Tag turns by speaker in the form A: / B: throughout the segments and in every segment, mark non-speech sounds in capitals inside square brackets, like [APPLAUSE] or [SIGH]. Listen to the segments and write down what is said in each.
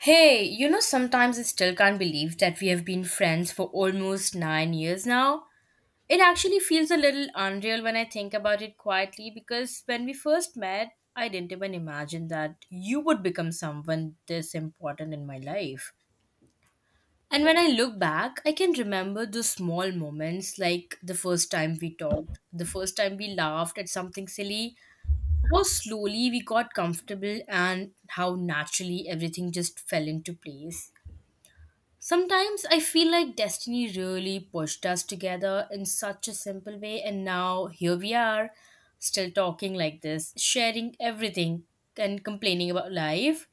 A: Hey, you know, sometimes I still can't believe that we have been friends for almost 9 years now. It actually feels a little unreal when I think about it quietly because when we first met, I didn't even imagine that you would become someone this important in my life. And when I look back, I can remember those small moments like the first time we talked, the first time we laughed at something silly, how slowly we got comfortable, and how naturally everything just fell into place. Sometimes I feel like destiny really pushed us together in such a simple way, and now here we are, still talking like this, sharing everything and complaining about life,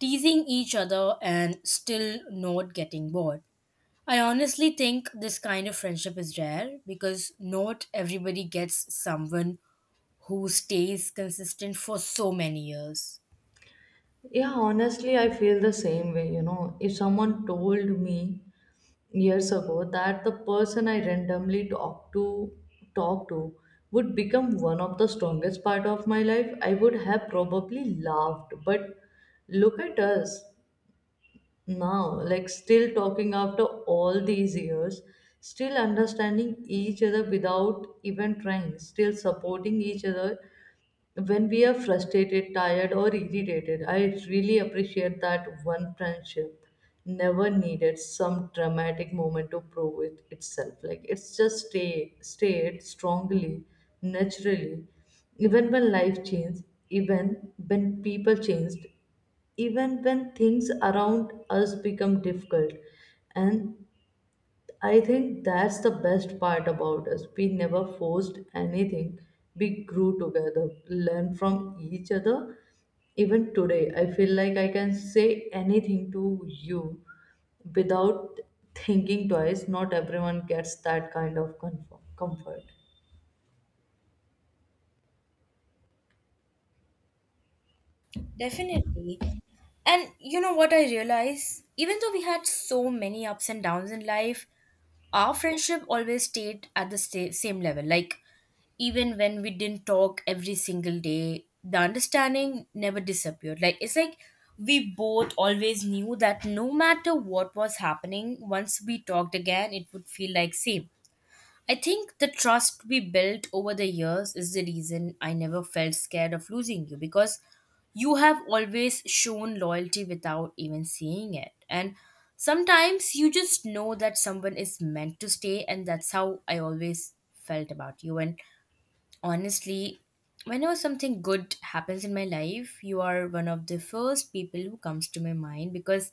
A: teasing each other, and still not getting bored. I honestly think this kind of friendship is rare because not everybody gets someone who stays consistent for so many years.
B: Yeah, honestly, I feel the same way. You know, if someone told me years ago that the person I randomly talk to would become one of the strongest part of my life, I would have probably laughed. But look at us now, like still talking after all these years, still understanding each other without even trying, still supporting each other when we are frustrated, tired, or irritated, I really appreciate that one friendship never needed some dramatic moment to prove it itself. Like it's just stayed strongly, naturally. Even when life changed, even when people changed, even when things around us become difficult. And I think that's the best part about us. We never forced anything. We grew together, learned from each other. Even today, I feel like I can say anything to you without thinking twice. Not everyone gets that kind of comfort.
A: Definitely. And you know what I realize? Even though we had so many ups and downs in life, our friendship always stayed at the same level. Like, even when we didn't talk every single day, the understanding never disappeared. Like, it's like we both always knew that no matter what was happening, once we talked again, it would feel like same. I think the trust we built over the years is the reason I never felt scared of losing you because you have always shown loyalty without even seeing it. And sometimes you just know that someone is meant to stay, and that's how I always felt about you. And honestly, whenever something good happens in my life, you are one of the first people who comes to my mind because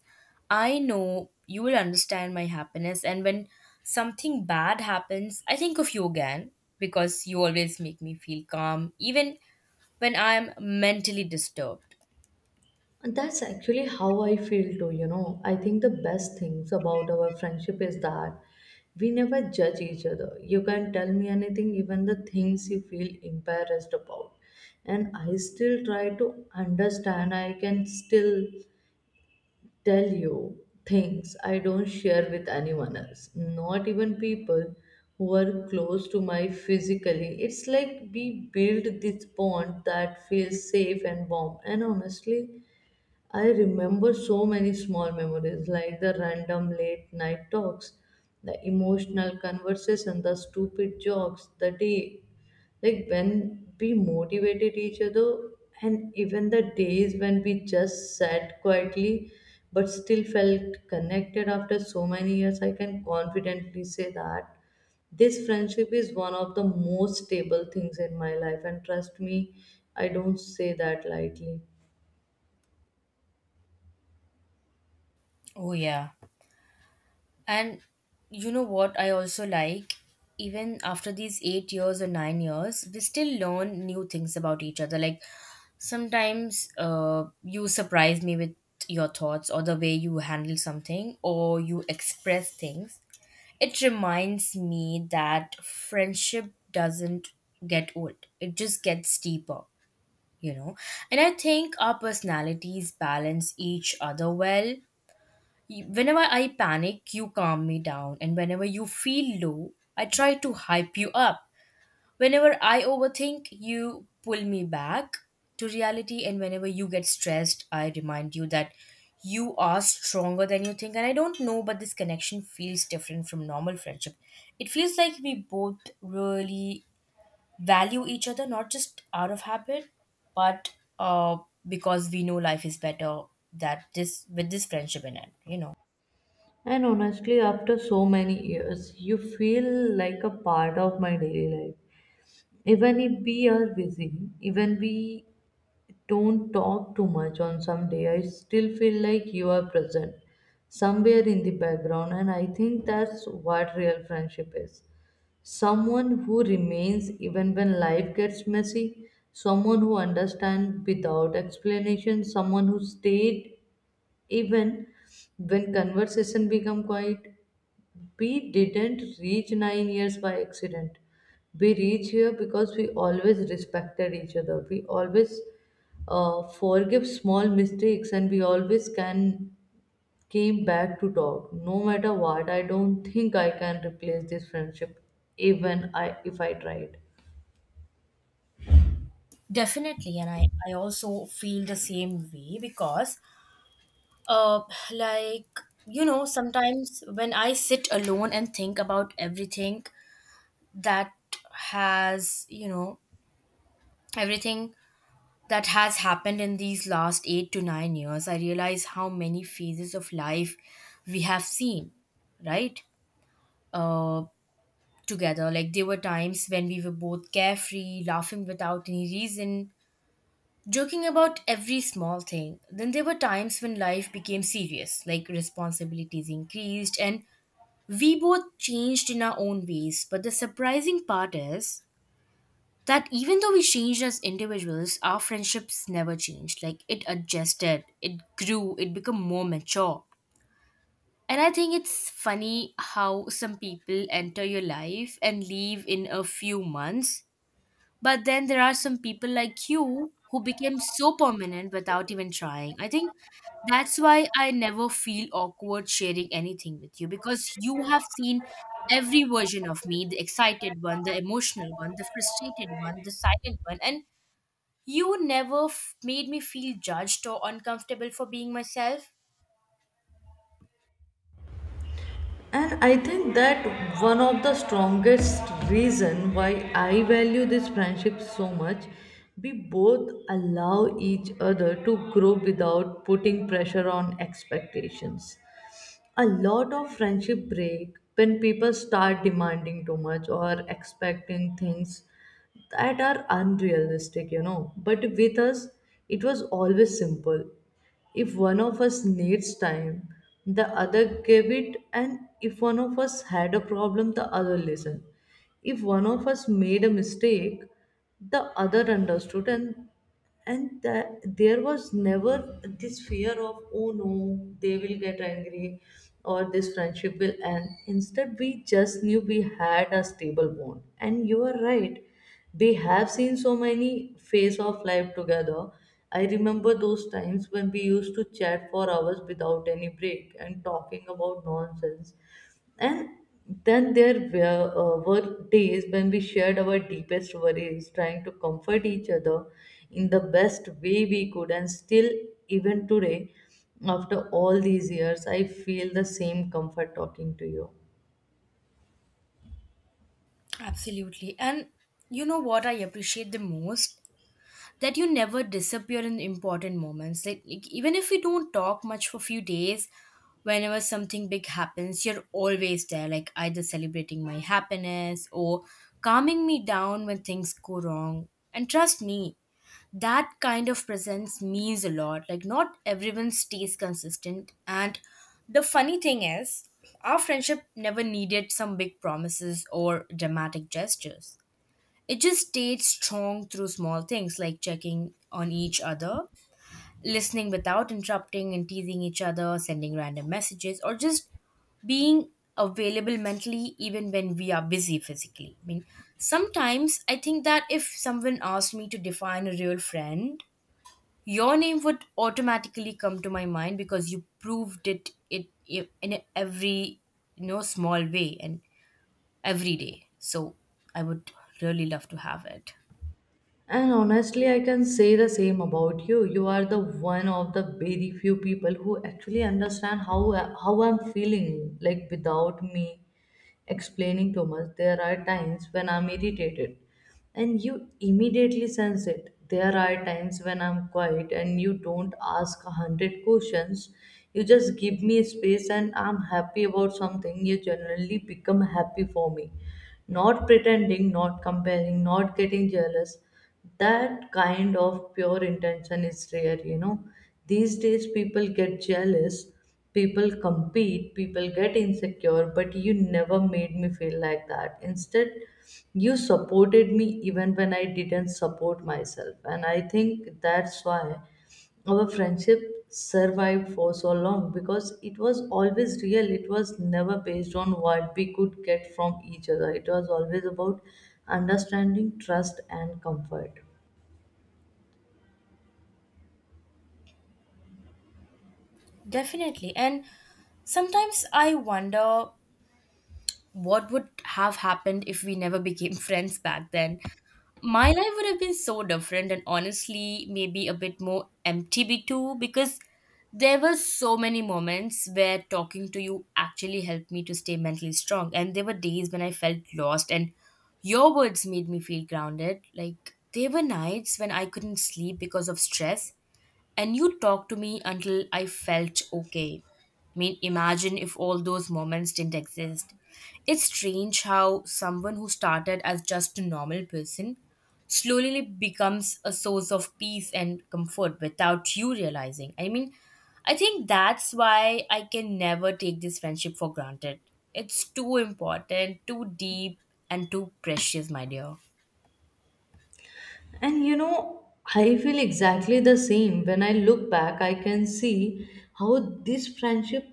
A: I know you will understand my happiness. And when something bad happens, I think of you again because you always make me feel calm, even when I'm mentally disturbed.
B: And that's actually how I feel too, you know. I think the best things about our friendship is that we never judge each other. You can tell me anything, even the things you feel embarrassed about. And I still try to understand, I can still tell you things I don't share with anyone else, not even people who are close to my physically. It's like we build this bond that feels safe and warm. And honestly, I remember so many small memories like the random late night talks, the emotional conversation, the stupid jokes, the day like when we motivated each other, and even the days when we just sat quietly but still felt connected after so many years. I can confidently say that this friendship is one of the most stable things in my life, and trust me, I don't say that lightly.
A: Oh, yeah. And you know what I also like? Even after these 8 years or 9 years, we still learn new things about each other. Like sometimes you surprise me with your thoughts or the way you handle something or you express things. It reminds me that friendship doesn't get old, it just gets deeper, you know. And I think our personalities balance each other well. Whenever I panic, you calm me down. And whenever you feel low, I try to hype you up. Whenever I overthink, you pull me back to reality. And whenever you get stressed, I remind you that you are stronger than you think. And I don't know, but this connection feels different from normal friendship. It feels like we both really value each other, not just out of habit, but uh, because we know life is better that this with this friendship in it, you know.
B: And honestly, after so many years, you feel like a part of my daily life. Even if we are busy, even we don't talk too much on some day, I still feel like you are present somewhere in the background, and I think that's what real friendship is. Someone who remains even when life gets messy, someone who understands without explanation, someone who stayed even when conversation become quiet we didn't reach 9 years by accident. We reach here because we always respected each other. We always forgive small mistakes and we always can came back to talk. No matter what, I don't think I can replace this friendship even I if I tried.
A: Definitely, and I also feel the same way because, uh, like, you know, sometimes when I sit alone and think about everything that has, you know, everything that has happened in these last 8 to 9 years, I realize how many phases of life we have seen, right? Uh, Together. Like, there were times when we were both carefree, laughing without any reason, joking about every small thing. Then there were times when life became serious, like responsibilities increased, and we both changed in our own ways. But the surprising part is that even though we changed as individuals, our friendships never changed. Like it adjusted, it grew, it became more mature. And I think it's funny how some people enter your life and leave in a few months, but then there are some people like you who became so permanent without even trying. I think that's why I never feel awkward sharing anything with you because you have seen every version of me, the excited one, the emotional one, the frustrated one, the silent one. And you never f- made me feel judged or uncomfortable for being myself.
B: And I think that one of the strongest reason why I value this friendship so much. We both allow each other to grow without putting pressure on expectations. A lot of friendship break when people start demanding too much or expecting things that are unrealistic, you know. But with us, it was always simple. If one of us needs time, the other gave it, and if one of us had a problem, the other listened. If one of us made a mistake, the other understood, and that there was never this fear of, oh no, they will get angry or this friendship will end. Instead, we just knew we had a stable bond, and you are right, they have seen so many phase of life together. I remember those times when we used to chat for hours without any break and talking about nonsense, and then there were days when we shared our deepest worries, trying to comfort each other in the best way we could. And still, even today, after all these years, I feel the same comfort talking to you.
A: Absolutely. And you know what I appreciate the most? That you never disappear in important moments. Like even if we don't talk much for a few days, whenever something big happens, you're always there, like either celebrating my happiness or calming me down when things go wrong. And trust me, that kind of presence means a lot. Like not everyone stays consistent, and the funny thing is our friendship never needed some big promises or dramatic gestures. It just stayed strong through small things like checking on each other, listening without interrupting and teasing each other, sending random messages, or just being available mentally even when we are busy physically. I mean, sometimes I think that if someone asked me to define a real friend, your name would automatically come to my mind because you proved in every, you know, small way and every day. So I would really love to have it.
B: And honestly, I can say the same about you. You are the one of the very few people who actually understand how I'm feeling. Like without me explaining too much, there are times when I'm irritated, and you immediately sense it. There are times when I'm quiet, and you don't ask a hundred questions. You just give me space, and I'm happy about something. You generally become happy for me not pretending, not comparing, not getting jealous. That kind of pure intention is rare, you know. These days, people get jealous, people compete, people get insecure, but you never made me feel like that. Instead, you supported me even when I didn't support myself. And I think that's why our friendship survived for so long because it was always real. It was never based on what we could get from each other. It was always about understanding, trust, and comfort.
A: Definitely. And sometimes I wonder what would have happened if we never became [LAUGHS] friends back then. My life would have been so different, and honestly, maybe a bit more empty be too, because there were so many moments where talking to you actually helped me to stay mentally strong. And there were days when I felt lost, and your words made me feel grounded. Like, there were nights when I couldn't sleep because of stress and you talked to me until I felt okay. I mean, imagine if all those moments didn't exist. It's strange how someone who started as just a normal person slowly becomes a source of peace and comfort without you realizing. I mean, I think that's why I can never take this friendship for granted. It's too important, too deep, and too precious, my dear.
B: And you know, I feel exactly the same. When I look back, I can see how this friendship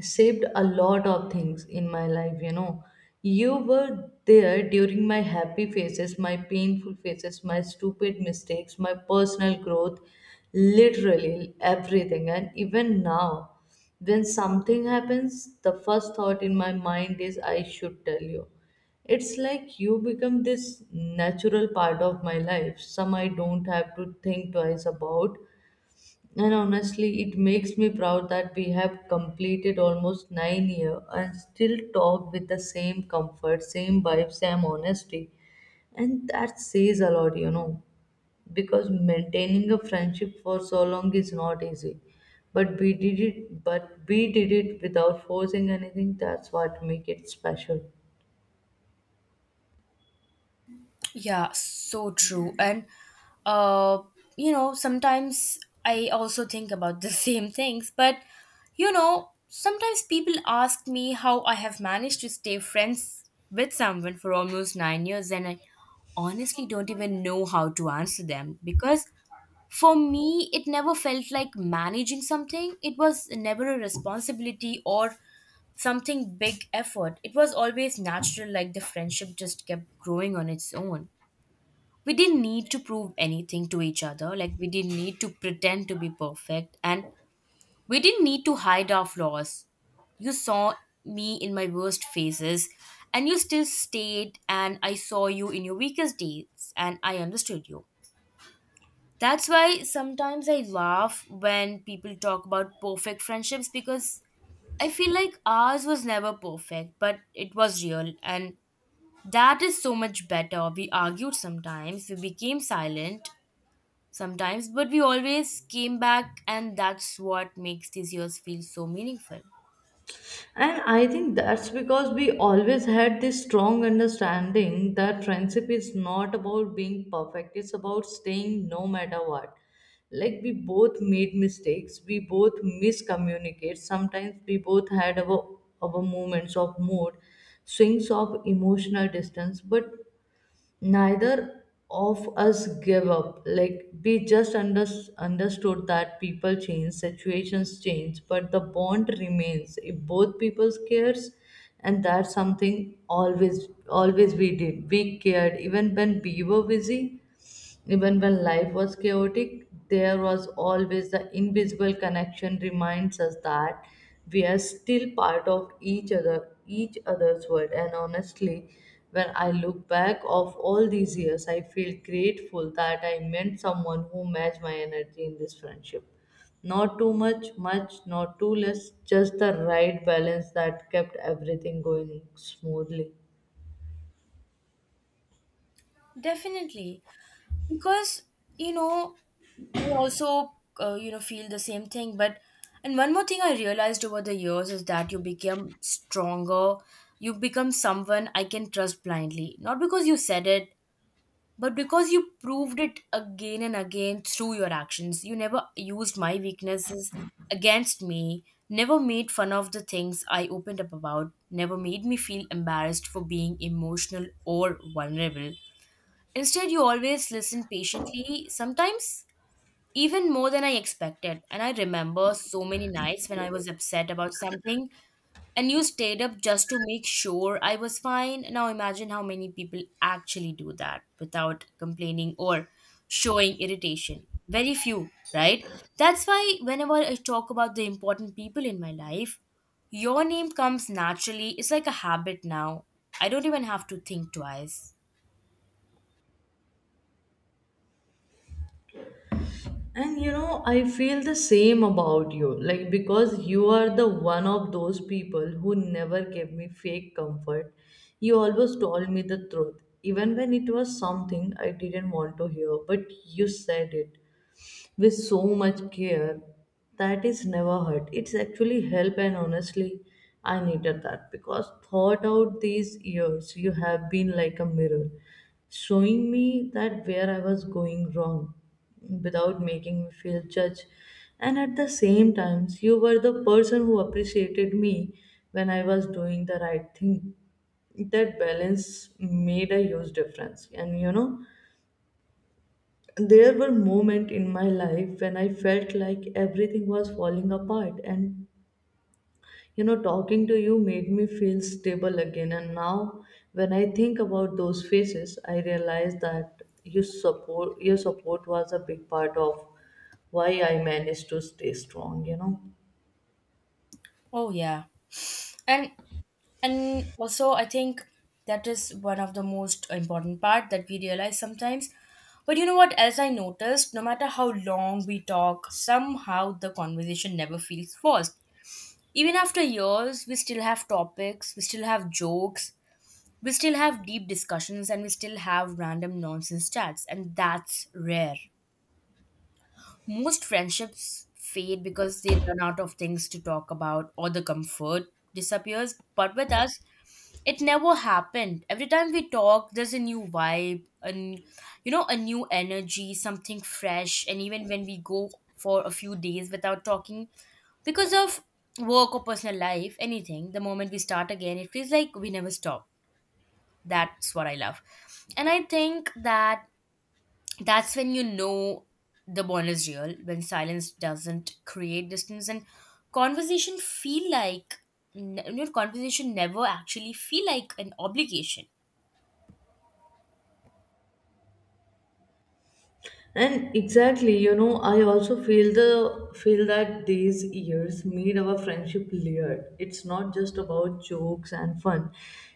B: saved a lot of things in my life. You know, you were there during my happy phases, my painful phases, my stupid mistakes, my personal growth, literally everything. And even now, when something happens, the first thought in my mind is, I should tell you. It's like you become this natural part of my life, some I don't have to think twice about. And honestly, it makes me proud that we have completed almost 9 years and still talk with the same comfort, same vibe, same honesty. And that says a lot, you know, because maintaining a friendship for so long is not easy. But we did it, but we did it without forcing anything. That's what make it special.
A: Yeah, so true. And uh, you know, sometimes I also think about the [LAUGHS] same things, but you know, sometimes people ask me how I have managed to stay friends with someone for almost 9 years, and I honestly don't even know how to answer them because for me it never felt like managing something. It was never a responsibility or something big effort. It was always natural, like the friendship just kept growing on its own. We didn't need to prove anything to each other, like we didn't need to pretend to be perfect, and we didn't need to hide our flaws. You saw me in my worst phases and you still stayed, and I saw you in your weakest days and I understood you. That's why sometimes I laugh when people talk about perfect friendships, because I feel like ours was never perfect, but it was real, and that is so much better. We argued sometimes, we became silent sometimes, but we always came back, and that's what makes these years feel so meaningful.
B: And I think that's because we always had this strong understanding that friendship is not about being perfect, it's about staying no matter what. Like, we both made mistakes, we both miscommunicate, sometimes we both had our moments of mood, swings of emotional distance, but neither of us give up. Like we just understood that people change situations change but the bond remains if both people cares. And that's something always we did. We cared even when we were busy, even when life was chaotic, there was always the invisible connection reminds us that we are still part of each other, each other's world. And honestly, when I look back of all these years, I feel grateful that I met someone who matched my energy in this friendship. Not too much, not too less, just the right balance that kept everything going smoothly.
A: Definitely, because you know, I also, you know, feel the same thing. But and one more thing I realized over the years is that you become stronger. You become someone I can trust blindly, not because you said it, but because you proved it again and again through your actions. You never used my weaknesses against me, never made fun of the things I opened up about, never made me feel embarrassed for being emotional or vulnerable. Instead, you always listened patiently, sometimes even more than I expected. And I remember so many nights when I was upset about something and you stayed up just to make sure I was fine. Now imagine how many people actually do that without complaining or showing irritation. Very few, right? That's why whenever I talk about the important people in my life, your name comes naturally. It's like a habit now. I don't even have to think twice.
B: And you know, I feel the same about you. Like, because you are the one of those people who never gave me fake comfort. You always told me the truth, even when it was something I didn't want to hear, but you said it with so much care that is never hurt, it's actually help. And honestly, I needed that because thought out these years you have been like a mirror showing me that where I was going wrong without making me feel judged, and at the same times you were the person who appreciated me when I was doing the right thing. That balance made a huge difference. And you know, there were moments in my life when I felt like everything was falling apart, and you know, talking to you made me feel stable again. And now when I think about those phases I realize that you support your support was a big part of why I managed to stay strong, you know.
A: Oh, yeah. And and also I think that is one of the most important part that we realize sometimes, but you know what else I noticed? No matter how long we talk, somehow the conversation never feels forced. Even after years we still have topics, we still have jokes, we still have deep discussions, and we still have random nonsense chats, and that's rare. Most friendships fade because they run out of things to talk about or the comfort disappears. But with us, it never happened. Every time we talk, there's a new vibe and, you know, a new energy, something fresh. And even when we go for a few days without talking, because of work or personal life, anything, the moment we start again, it feels like we never stop. That's what I love. And I think that that's when you know the bond is real, when silence doesn't create distance and conversation feel like, you know, conversation never actually feel like an obligation.
B: And exactly, you know, I also feel that these years made our friendship layered. It's not just about jokes and fun.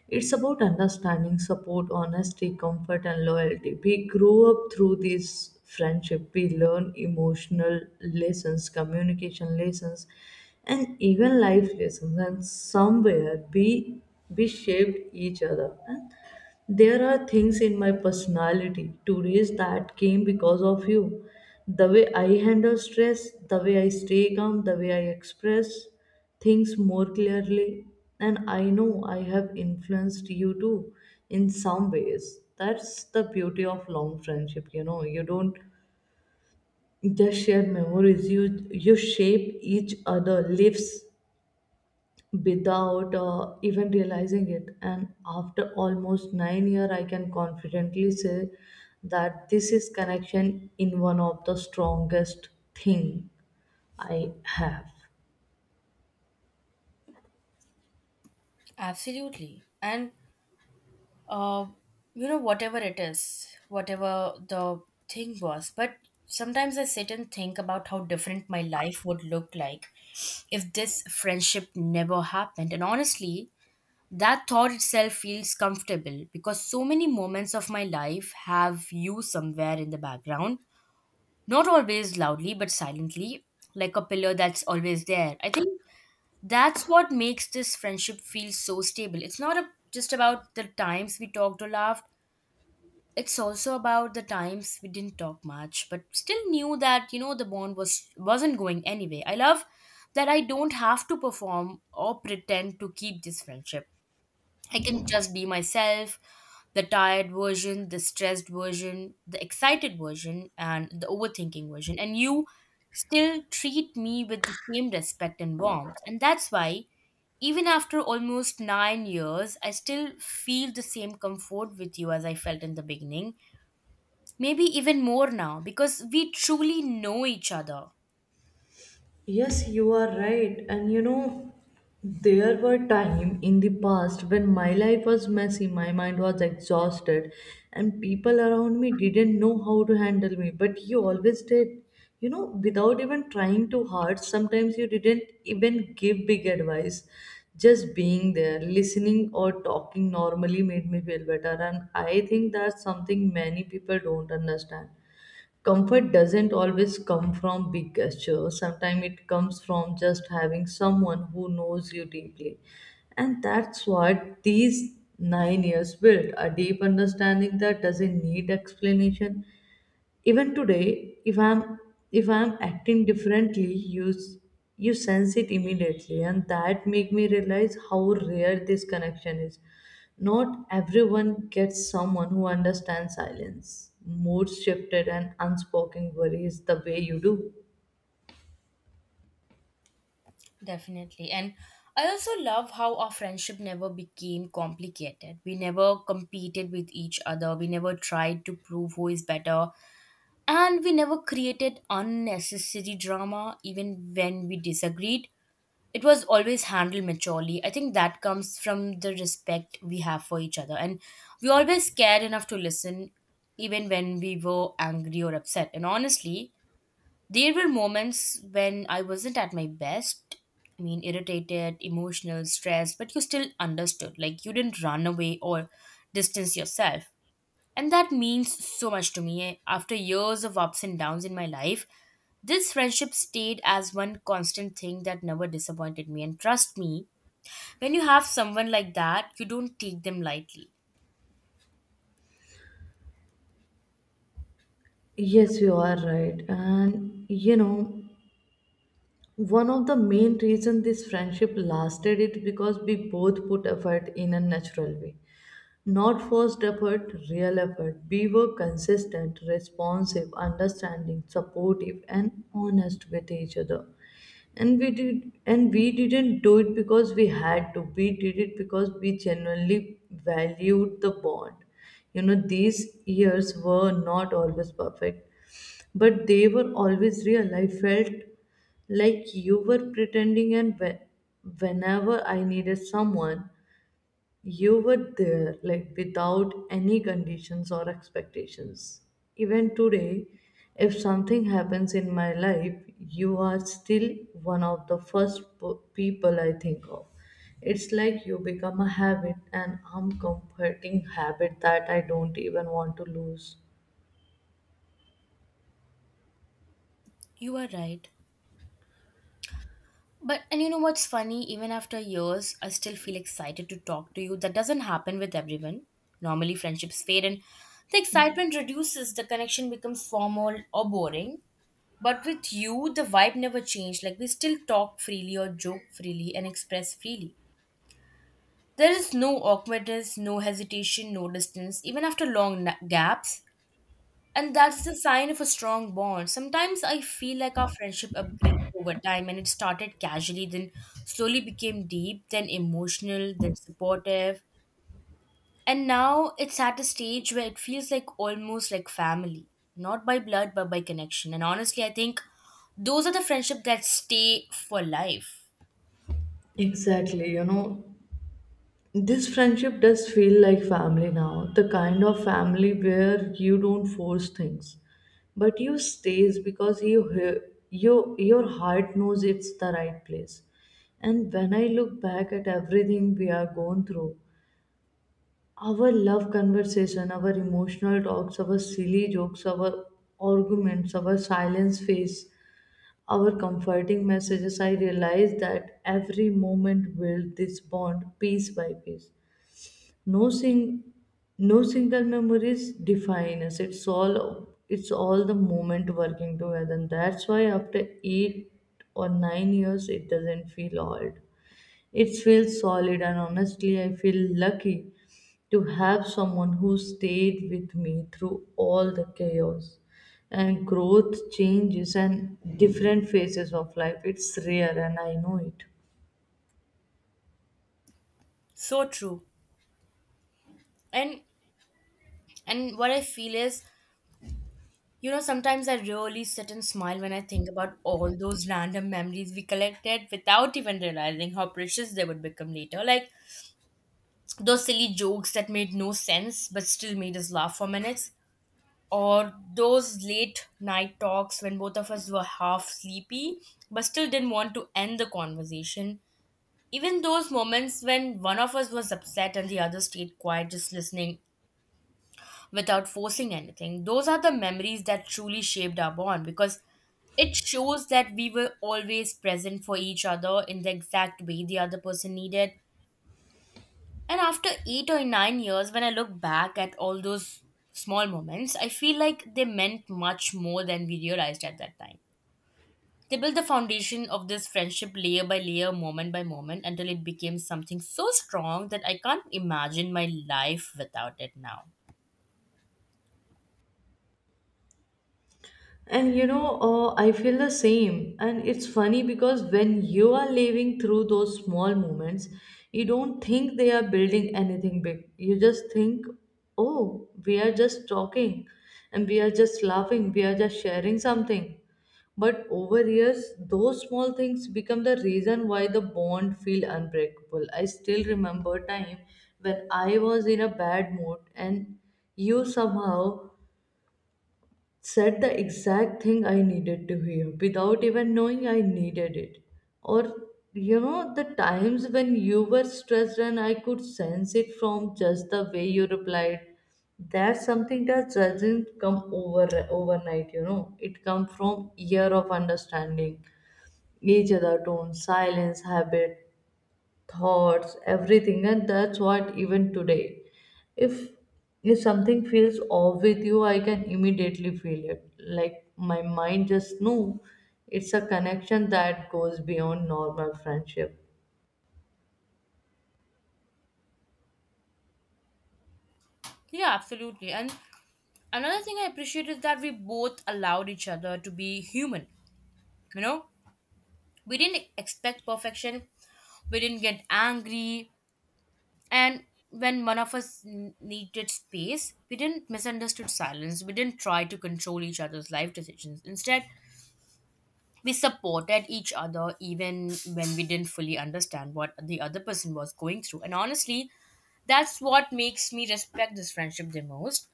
B: It's about understanding, support, honesty, comfort, and loyalty. We grow up through these friendship. We learn emotional lessons, communication lessons, and even life lessons. And somewhere we shaped each other. There are things in my personality to raise that came because of you. The way I handle stress, the way I stay calm, the way I express things more clearly. And I know I have influenced you too in some ways. That's the beauty of long friendship, you know. You don't just share memories, you shape each other lives without even realizing it. And after almost 9 year I can confidently say that this is connection in one of the strongest thing I have.
A: Absolutely. And uh, you know, whatever it is, whatever the thing was, but sometimes I sit and think about how different my life would look like if this friendship never happened. And honestly, that thought itself feels comfortable because so many moments of my life have you somewhere in the background, not always loudly, but silently, like a pillar that's always there. I think that's what makes this friendship feel so stable. It's not a, just about the times we talked or laughed, it's also about the times we didn't talk much, but still knew that, you know, the bond was wasn't going anyway. I love that I don't have to perform or pretend to keep this friendship. I can just be myself, the tired version, the stressed version, the excited version, and the overthinking version. And you still treat me with the same respect and warmth. And that's why, even after almost 9 years, I still feel the same comfort with you as I felt in the beginning. Maybe even more now, because we truly know each other.
B: Yes, you are right. And you know, there were time in the past when my life was messy, my mind was exhausted, and people around me didn't know how to handle me. But you always did. You know, without even trying too hard, sometimes you didn't even give big advice. Just being there, listening or talking normally made me feel better. And I think that's something many people don't understand. Comfort doesn't always come from big gestures. Sometimes it comes from just having someone who knows you deeply. And that's what these 9 years built, a deep understanding that doesn't need explanation. Even today, if I'm acting differently, you sense it immediately, and that make me realize how rare this connection is. Not everyone gets someone who understands silence, mood shifted, and unspoken worries the way you do.
A: Definitely. And I also love how our friendship never became complicated. We never competed with each other. We never tried to prove who is better. And we never created unnecessary drama, even when we disagreed. It was always handled maturely. I think that comes from the respect we have for each other. And we always cared enough to listen, even when we were angry or upset. And honestly, there were moments when I wasn't at my best. I mean, irritated, emotional, stressed, but you still understood. Like, you didn't run away or distance yourself. And that means so much to me. After years of ups and downs in my life, this friendship stayed as one constant thing that never disappointed me. And trust me, when you have someone like that, you don't take them lightly.
B: Yes, you are right. And you know, one of the main reasons this friendship lasted it because we both put effort in a natural way. Not forced effort, real effort. We were consistent, responsive, understanding, supportive, and honest with each other. And we didn't do it because we had to, we did it because we genuinely valued the bond. You know, these years were not always perfect, but they were always real. I felt like you were pretending, and whenever I needed someone, you were there, like without any conditions or expectations. Even today, if something happens in my life, you are still one of the first people I think of. It's like you become a habit, an uncomforting habit that I don't even want to lose.
A: You are right. But and you know what's funny? Even after years, I still feel excited to talk to you. That doesn't happen with everyone. Normally, friendships fade and the excitement reduces, the connection becomes formal or boring. But with you, the vibe never changed. Like, we still talk freely or joke freely and express freely. There is no awkwardness, no hesitation, no distance. Even after long gaps, and that's the sign of a strong bond. Sometimes I feel like our friendship upgraded over time and it started casually, then slowly became deep, then emotional, then supportive. And now it's at a stage where it feels like almost like family. Not by blood, but by connection. And honestly, I think those are the friendship that stay for life.
B: Exactly. You know, this friendship does feel like family now, the kind of family where you don't force things, but you stays because you your heart knows it's the right place. And when I look back at everything we are going through, our love conversation, our emotional talks, our silly jokes, our arguments, our silence face, our comforting messages, I realize that every moment built this bond piece by piece. No sing no single memories define us. It's all the moment working together, and that's why after 8 or 9 years it doesn't feel old, it feels solid. And honestly, I feel lucky to have someone who stayed with me through all the chaos and growth changes and different phases of life. It's rare, and I know it.
A: So true. And and what I feel is, you know, sometimes I really sit and smile when I think about all those random memories we collected without even realizing how precious they would become later. Like those silly jokes that made no sense but still made us laugh for minutes, or those late night talks when both of us were half sleepy but still didn't want to end the conversation. Even those moments when one of us was upset and the other stayed quiet, just listening without forcing anything. Those are the memories that truly shaped our bond because it shows that we were always present for each other in the exact way the other person needed. And after 8 or 9 years, when I look back at all those small moments, I feel like they meant much more than we realized at that time. They built the foundation of this friendship layer by layer, moment by moment, until it became something so strong that I can't imagine my life without it now.
B: And you know, I feel the same. And it's funny because when you are living through those small moments, you don't think they are building anything big. You just think, oh, we are just talking and we are just laughing, we are just sharing something. But over years, those small things become the reason why the bond feel unbreakable. I still remember time when I was in a bad mood and you somehow said the exact thing I needed to hear without even knowing I needed it. Or, you know, the times when you were stressed and I could sense it from just the way you replied. That's something that doesn't come over overnight, you know. It comes from year of understanding each other tone, silence, habit, thoughts, everything. And that's what even today, If if something feels off with you, I can immediately feel it. Like my mind just knew, it's a connection that goes beyond normal friendship.
A: Yeah, absolutely. And another thing I appreciate is that we both allowed each other to be human. You know, we didn't expect perfection, we didn't get angry, and when one of us needed space, we didn't misunderstood silence. We didn't try to control each other's life decisions. Instead, we supported each other even when we didn't fully understand what the other person was going through. And honestly, that's what makes me respect this friendship the most,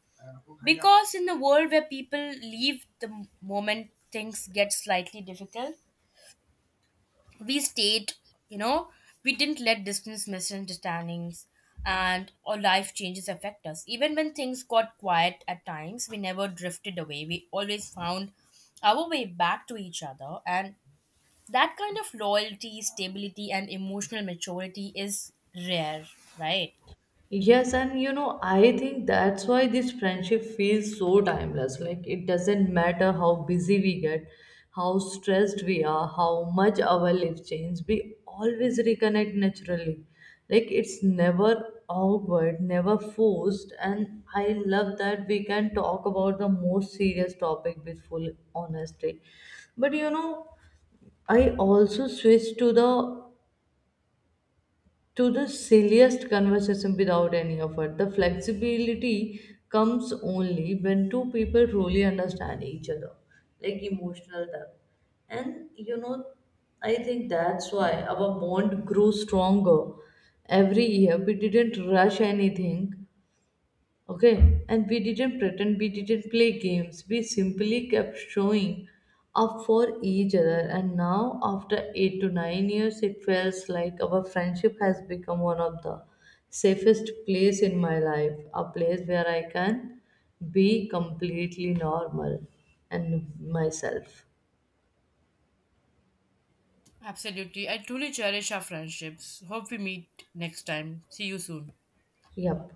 A: because in a world where people leave the moment things get slightly difficult, we stayed. You know, we didn't let distance, misunderstandings and or life changes affect us. Even when things got quiet at times, we never drifted away. We always found our way back to each other, and that kind of loyalty, stability and emotional maturity is rare, right?
B: Yes, and you know, I think that's why this friendship feels so timeless. Like, it doesn't matter how busy we get, how stressed we are, how much our life change, we always reconnect naturally. Like, it's never awkward, never forced. And I love that we can talk about the most serious topic with full honesty. But you know, I also switch to the silliest conversation without any effort. The flexibility comes only when two people truly understand each other, like emotional depth. And you know, I think that's why our bond grew stronger every year. We didn't rush anything. Okay, and we didn't pretend, we didn't play games. We simply kept showing up for each other. And now after 8 to 9 years, it feels like our friendship has become one of the safest place in my life, a place where I can be completely normal and myself.
A: Absolutely. I truly cherish our friendships. Hope we meet next time. See you soon.
B: Yep.